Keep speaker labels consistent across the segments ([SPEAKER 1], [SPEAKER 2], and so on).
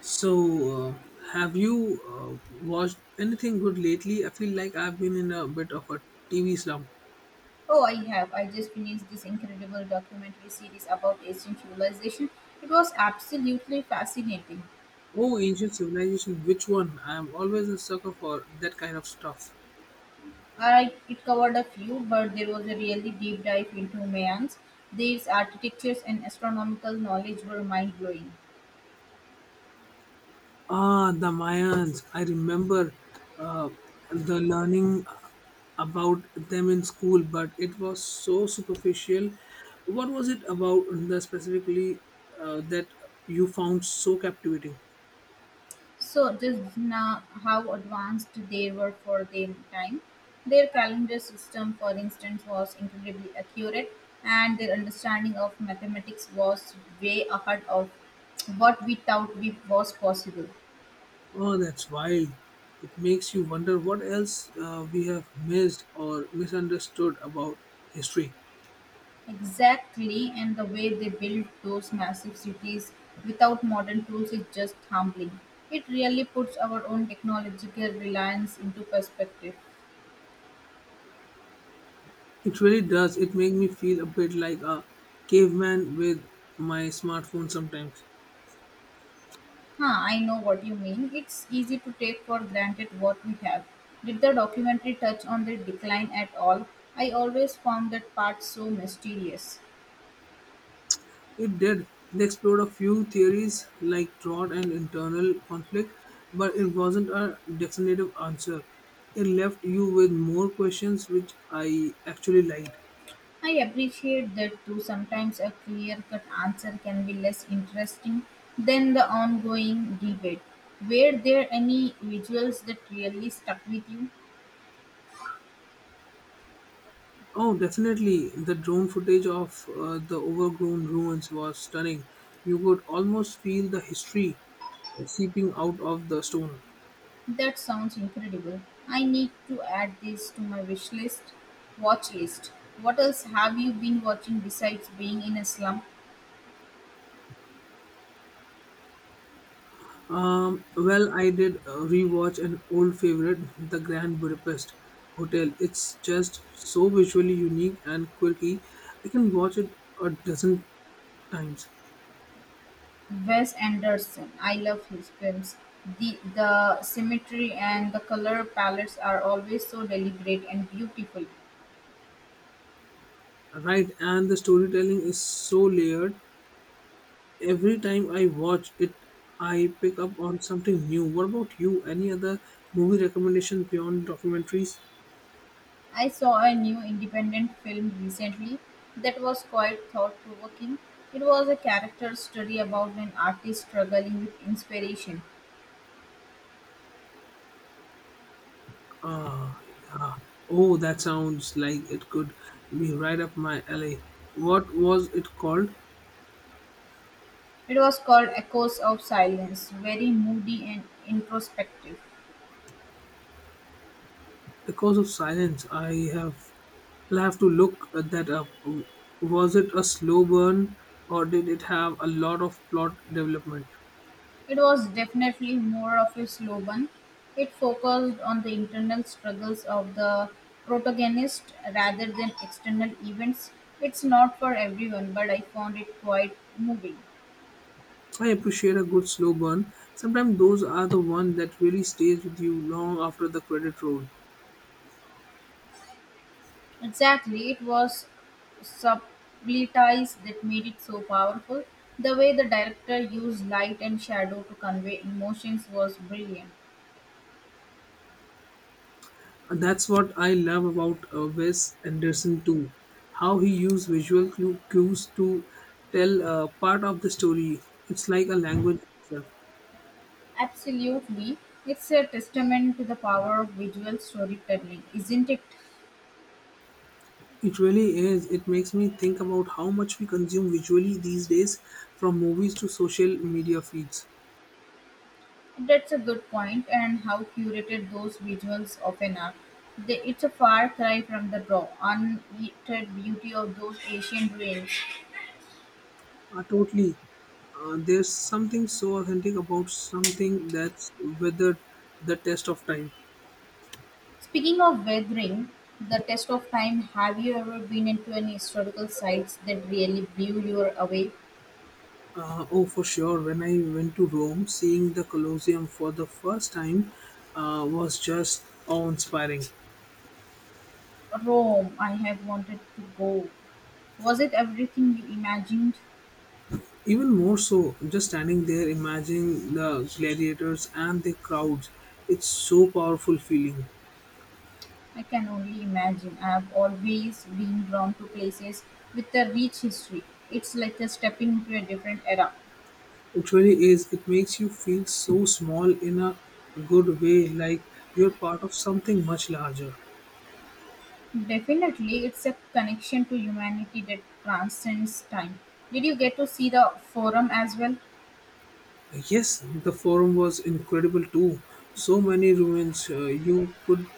[SPEAKER 1] So, uh, have you watched anything good lately? I feel like I've been in a bit of a TV slump.
[SPEAKER 2] Oh, I have. I just finished this incredible documentary series about ancient civilization. It was absolutely fascinating.
[SPEAKER 1] Oh, ancient civilization, which one? I'm always a sucker for that kind of stuff.
[SPEAKER 2] It covered a few, but there was a really deep dive into Mayans. These architectures and astronomical knowledge were mind blowing.
[SPEAKER 1] Ah, the Mayans. I remember uh, the learning about them in school, but it was so superficial. What was it about the specifically that you found so captivating?
[SPEAKER 2] So just now, how advanced they were for their time. Their calendar system, for instance, was incredibly accurate, and their understanding of mathematics was way ahead of what we thought we was possible.
[SPEAKER 1] Oh, that's wild. It makes you wonder what else we have missed or misunderstood about history.
[SPEAKER 2] Exactly, and the way they built those massive cities without modern tools is just humbling. It really puts our own technological reliance into perspective.
[SPEAKER 1] It really does. It makes me feel a bit like a caveman with my smartphone sometimes.
[SPEAKER 2] Huh, I know what you mean. It's easy to take for granted what we have. Did the documentary touch on the decline at all? I always found that part so mysterious.
[SPEAKER 1] It did. They explored a few theories like drought and internal conflict, but it wasn't a definitive answer. It left you with more questions, which I actually liked.
[SPEAKER 2] I appreciate that too. Sometimes a clear cut answer can be less interesting than the ongoing debate. Were there any visuals that really stuck with you?
[SPEAKER 1] Oh, definitely. The drone footage of the overgrown ruins was stunning. You could almost feel the history seeping out of the stone.
[SPEAKER 2] That sounds incredible. I need to add this to my wish list watch list. What else have you been watching besides being in a slum?
[SPEAKER 1] Well, I did rewatch an old favorite, the Grand Budapest Hotel. It's just so visually unique and quirky. I can watch it a dozen times.
[SPEAKER 2] Wes Anderson, I love his films. The symmetry and the color palettes are always so deliberate and beautiful.
[SPEAKER 1] Right, and the storytelling is so layered. Every time I watch it, I pick up on something new. What about you? Any other movie recommendations beyond documentaries?
[SPEAKER 2] I saw a new independent film recently that was quite thought provoking. It was a character study about an artist struggling with inspiration.
[SPEAKER 1] Ah, yeah. Oh, that sounds like it could be right up my alley. What was it called?
[SPEAKER 2] It was called Echoes of Silence, very moody and introspective.
[SPEAKER 1] Because of silence, I'll have to look that up. Was it a slow burn or did it have a lot of plot development?
[SPEAKER 2] It was definitely more of a slow burn. It focused on the internal struggles of the protagonist rather than external events. It's not for everyone, but I found it quite moving.
[SPEAKER 1] I appreciate a good slow burn. Sometimes those are the ones that really stays with you long after the credit roll.
[SPEAKER 2] Exactly, it was sublities that made it so powerful. The way the director used light and shadow to convey emotions was brilliant.
[SPEAKER 1] And that's what I love about Wes Anderson too, how he used visual cues to tell part of the story. It's like a language itself.
[SPEAKER 2] Absolutely, it's a testament to the power of visual storytelling, isn't it?
[SPEAKER 1] It really is. It makes me think about how much we consume visually these days, from movies to social media feeds.
[SPEAKER 2] That's a good point, and how curated those visuals often are. It's a far cry from the raw, unedited beauty of those ancient ruins.
[SPEAKER 1] Totally. There's something so authentic about something that's weathered the test of time.
[SPEAKER 2] Speaking of weathering, the test of time, have you ever been into any historical sites that really blew you away?
[SPEAKER 1] Oh, for sure. When I went to Rome, seeing the Colosseum for the first time was just awe inspiring.
[SPEAKER 2] Rome, I have wanted to go. Was it everything you imagined?
[SPEAKER 1] Even more so, just standing there, imagining the gladiators and the crowds. It's so powerful feeling.
[SPEAKER 2] I can only imagine. I have always been drawn to places with a rich history. It's like a stepping into a different era.
[SPEAKER 1] It really is. It makes you feel so small in a good way, like you're part of something much larger.
[SPEAKER 2] Definitely, it's a connection to humanity that transcends time. Did you get to see the forum as well?
[SPEAKER 1] Yes, the forum was incredible too. So many ruins. You could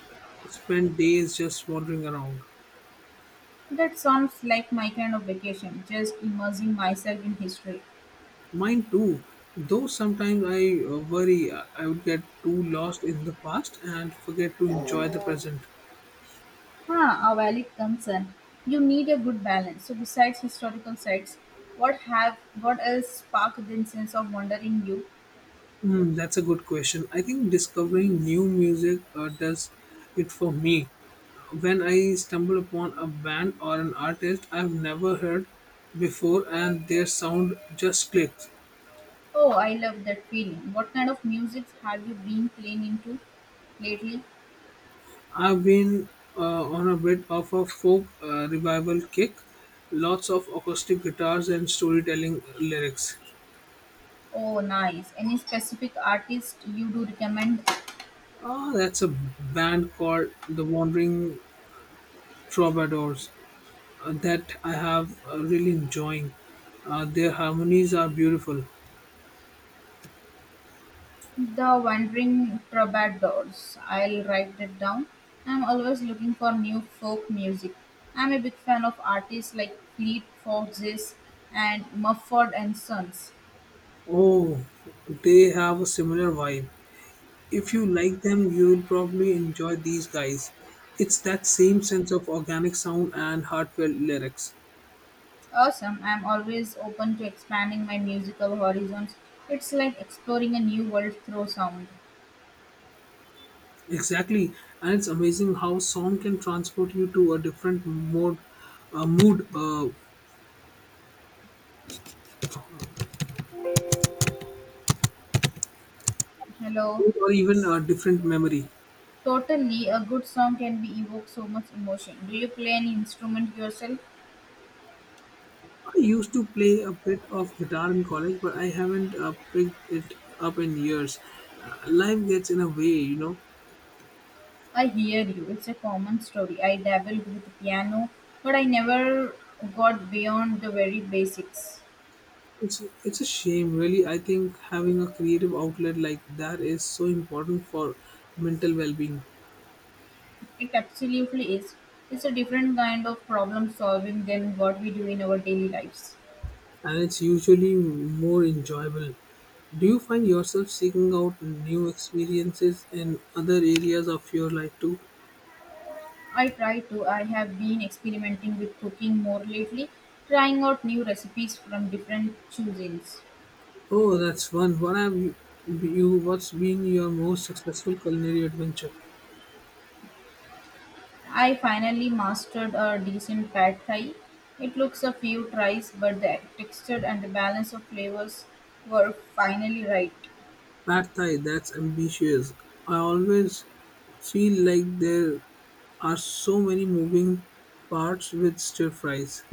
[SPEAKER 1] spend days just wandering around.
[SPEAKER 2] That sounds like my kind of vacation, just immersing myself in history.
[SPEAKER 1] Mine too. Though sometimes I worry I would get too lost in the past and forget to enjoy the present.
[SPEAKER 2] Huh, a valid concern. You need a good balance. So, besides historical sites, what else sparked this sense of wonder in you?
[SPEAKER 1] Hmm, that's a good question. I think discovering new music does it for me. When I stumble upon a band or an artist I've never heard before and their sound just clicks.
[SPEAKER 2] Oh, I love that feeling. What kind of music have you been playing into lately?
[SPEAKER 1] I've been on a bit of a folk revival kick, lots of acoustic guitars and storytelling lyrics.
[SPEAKER 2] Oh, nice. Any specific artist you do recommend?
[SPEAKER 1] Ah, that's a band called The Wandering Troubadours that I have really enjoying. Their harmonies are beautiful.
[SPEAKER 2] The Wandering Troubadours. I'll write that down. I'm always looking for new folk music. I'm a big fan of artists like Fleet Foxes and Mumford and Sons.
[SPEAKER 1] Oh, they have a similar vibe. If you like them, you will probably enjoy these guys. It's that same sense of organic sound and heartfelt lyrics.
[SPEAKER 2] Awesome. I'm always open to expanding my musical horizons. It's like exploring a new world through sound.
[SPEAKER 1] Exactly, and it's amazing how song can transport you to a different mood,
[SPEAKER 2] Hello.
[SPEAKER 1] mood, or even a different memory.
[SPEAKER 2] Totally, a good song can be evoke so much emotion. Do you play any instrument yourself?
[SPEAKER 1] I used to play a bit of guitar in college, but I haven't picked it up in years. Life gets in a way, you know.
[SPEAKER 2] I hear you. It's a common story. I dabbled with piano, but I never got beyond the very basics.
[SPEAKER 1] It's a shame, really. I think having a creative outlet like that is so important for mental well-being,
[SPEAKER 2] It absolutely is. It's a different kind of problem solving than what we do in our daily lives.
[SPEAKER 1] and it's usually more enjoyable. Do you find yourself seeking out new experiences in other areas of your life too?
[SPEAKER 2] I try to. I have been experimenting with cooking more lately, trying out new recipes from different cuisines.
[SPEAKER 1] Oh, that's fun. What's been your most successful culinary adventure?
[SPEAKER 2] I finally mastered a decent pad thai. It looks a few tries, but the texture and the balance of flavors were finally right.
[SPEAKER 1] Pad Thai, that's ambitious. I always feel like there are so many moving parts with stir fries.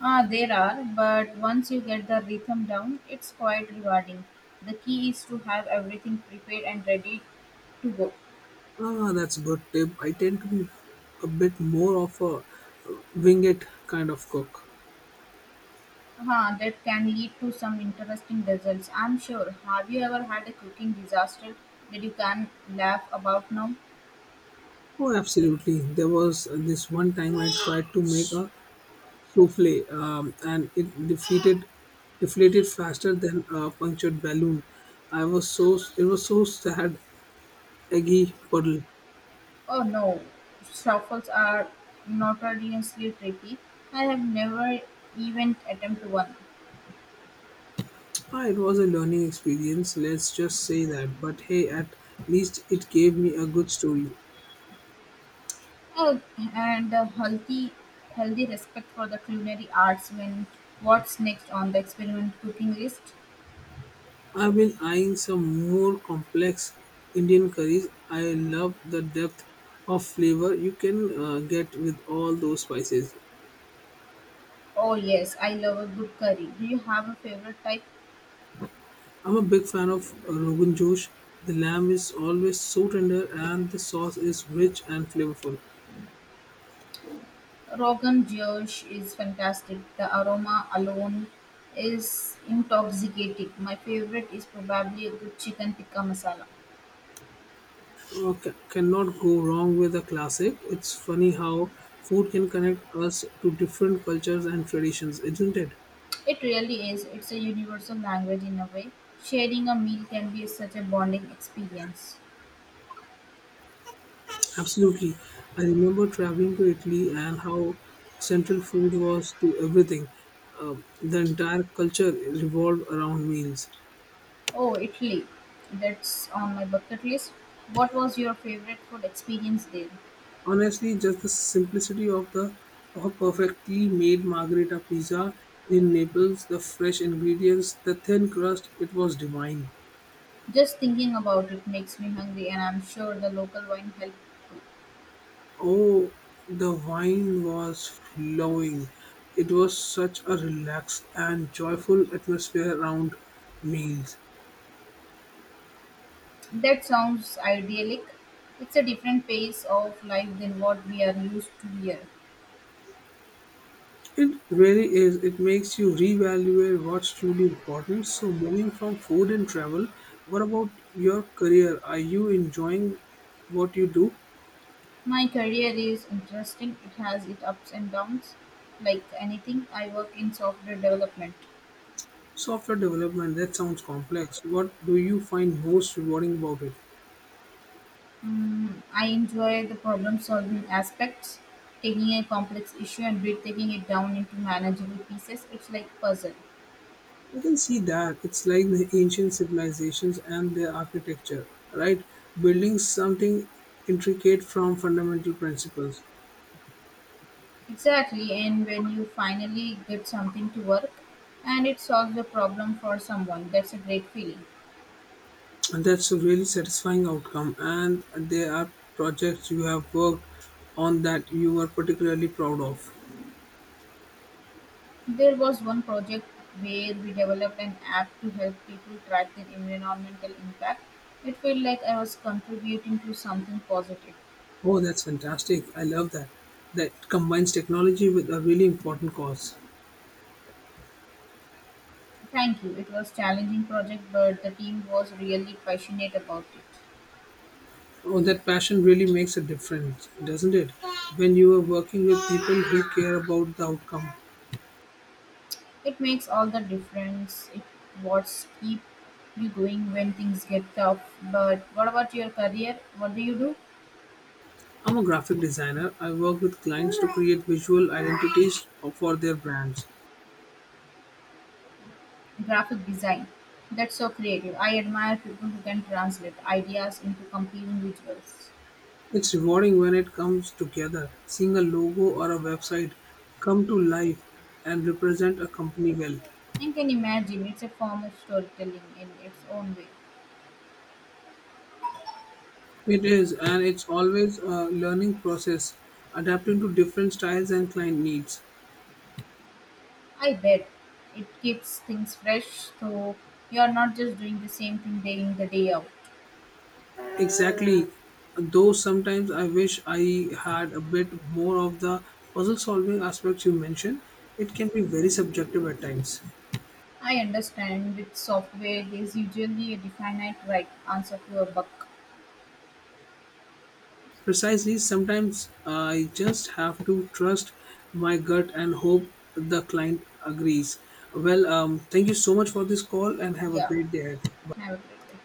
[SPEAKER 2] Ah, there are, but once you get the rhythm down, it's quite rewarding. The key is to have everything prepared and ready to go.
[SPEAKER 1] Ah, that's a good tip. I tend to be a bit more of a wing it kind of cook.
[SPEAKER 2] Ah, that can lead to some interesting results, I'm sure. Have you ever had a cooking disaster that you can laugh about now?
[SPEAKER 1] Oh, absolutely. There was this one time I tried to make a souffle, and it defeated deflated faster than a punctured balloon. I was so it was so sad, eggy puddle.
[SPEAKER 2] Oh no, truffles are notoriously tricky. I have never even attempted one.
[SPEAKER 1] Ah, it was a learning experience, let's just say that. But hey, at least it gave me a good story.
[SPEAKER 2] Oh, and a healthy respect for the culinary arts when what's next on the experiment cooking list?
[SPEAKER 1] I've been eyeing some more complex Indian curries. I love the depth of flavor you can get with all those spices.
[SPEAKER 2] Oh yes, I love a good curry. Do you have a favorite type?
[SPEAKER 1] I'm a big fan of Rogan Josh. The lamb is always so tender and the sauce is rich and flavorful.
[SPEAKER 2] Rogan Josh is fantastic. The aroma alone is intoxicating. My favorite is probably a good chicken tikka masala.
[SPEAKER 1] Okay, cannot go wrong with a classic. It's funny how food can connect us to different cultures and traditions, isn't it?
[SPEAKER 2] It really is. It's a universal language in a way. Sharing a meal can be such a bonding experience.
[SPEAKER 1] Absolutely. I remember traveling to Italy and how central food was to everything. The entire culture revolved around meals.
[SPEAKER 2] Oh, Italy. That's on my bucket list. What was your favorite food experience there?
[SPEAKER 1] Honestly, just the simplicity of the of a perfectly made margherita pizza in Naples, the fresh ingredients, the thin crust, it was divine.
[SPEAKER 2] Just thinking about it makes me hungry, and I'm sure the local wine helped too.
[SPEAKER 1] Oh, the wine was flowing. It was such a relaxed and joyful atmosphere around meals.
[SPEAKER 2] That sounds idyllic. It's a different pace of life than what we are used to here.
[SPEAKER 1] It really is. It makes you reevaluate what's truly important. So, moving from food and travel, what about your career? Are you enjoying what you do?
[SPEAKER 2] My career is interesting, it has its ups and downs. Like anything, I work in software development.
[SPEAKER 1] Software development, that sounds complex. What do you find most rewarding about it?
[SPEAKER 2] Mm, I enjoy the problem solving aspects, taking a complex issue and breaking it down into manageable pieces. It's like a puzzle.
[SPEAKER 1] I can see that. It's like the ancient civilizations and their architecture, right? Building something intricate from fundamental principles.
[SPEAKER 2] Exactly, and when you finally get something to work and it solves the problem for someone, that's a great feeling.
[SPEAKER 1] And that's a really satisfying outcome. And there are projects you have worked on that you are particularly proud of.
[SPEAKER 2] There was one project where we developed an app to help people track their environmental impact. It felt like I was contributing to something positive.
[SPEAKER 1] Oh, that's fantastic. I love that. That it combines technology with a really important cause.
[SPEAKER 2] Thank you. It was challenging project, but the team was really passionate about it.
[SPEAKER 1] Oh, that passion really makes a difference, doesn't it? When you are working with people who care about the outcome.
[SPEAKER 2] It makes all the difference. It what's keep you going when things get tough. But what about your career? What do you do?
[SPEAKER 1] I'm a graphic designer. I work with clients to create visual identities for their brands.
[SPEAKER 2] Graphic design. That's so creative. I admire people who can translate ideas into compelling visuals.
[SPEAKER 1] It's rewarding when it comes together, seeing a logo or a website come to life and represent a company well.
[SPEAKER 2] I can imagine it's a form of storytelling in its own way.
[SPEAKER 1] It is, and it's always a learning process, adapting to different styles and client needs.
[SPEAKER 2] I bet it keeps things fresh, so you're not just doing the same thing day in the day out.
[SPEAKER 1] Exactly, though sometimes I wish I had a bit more of the puzzle solving aspects you mentioned, it can be very subjective at times.
[SPEAKER 2] I understand with software, there's usually a definite right answer to a buck.
[SPEAKER 1] Precisely, sometimes I just have to trust my gut and hope the client agrees. Well, thank you so much for this call and have a
[SPEAKER 2] Yeah.
[SPEAKER 1] great day ahead.
[SPEAKER 2] Have a great day.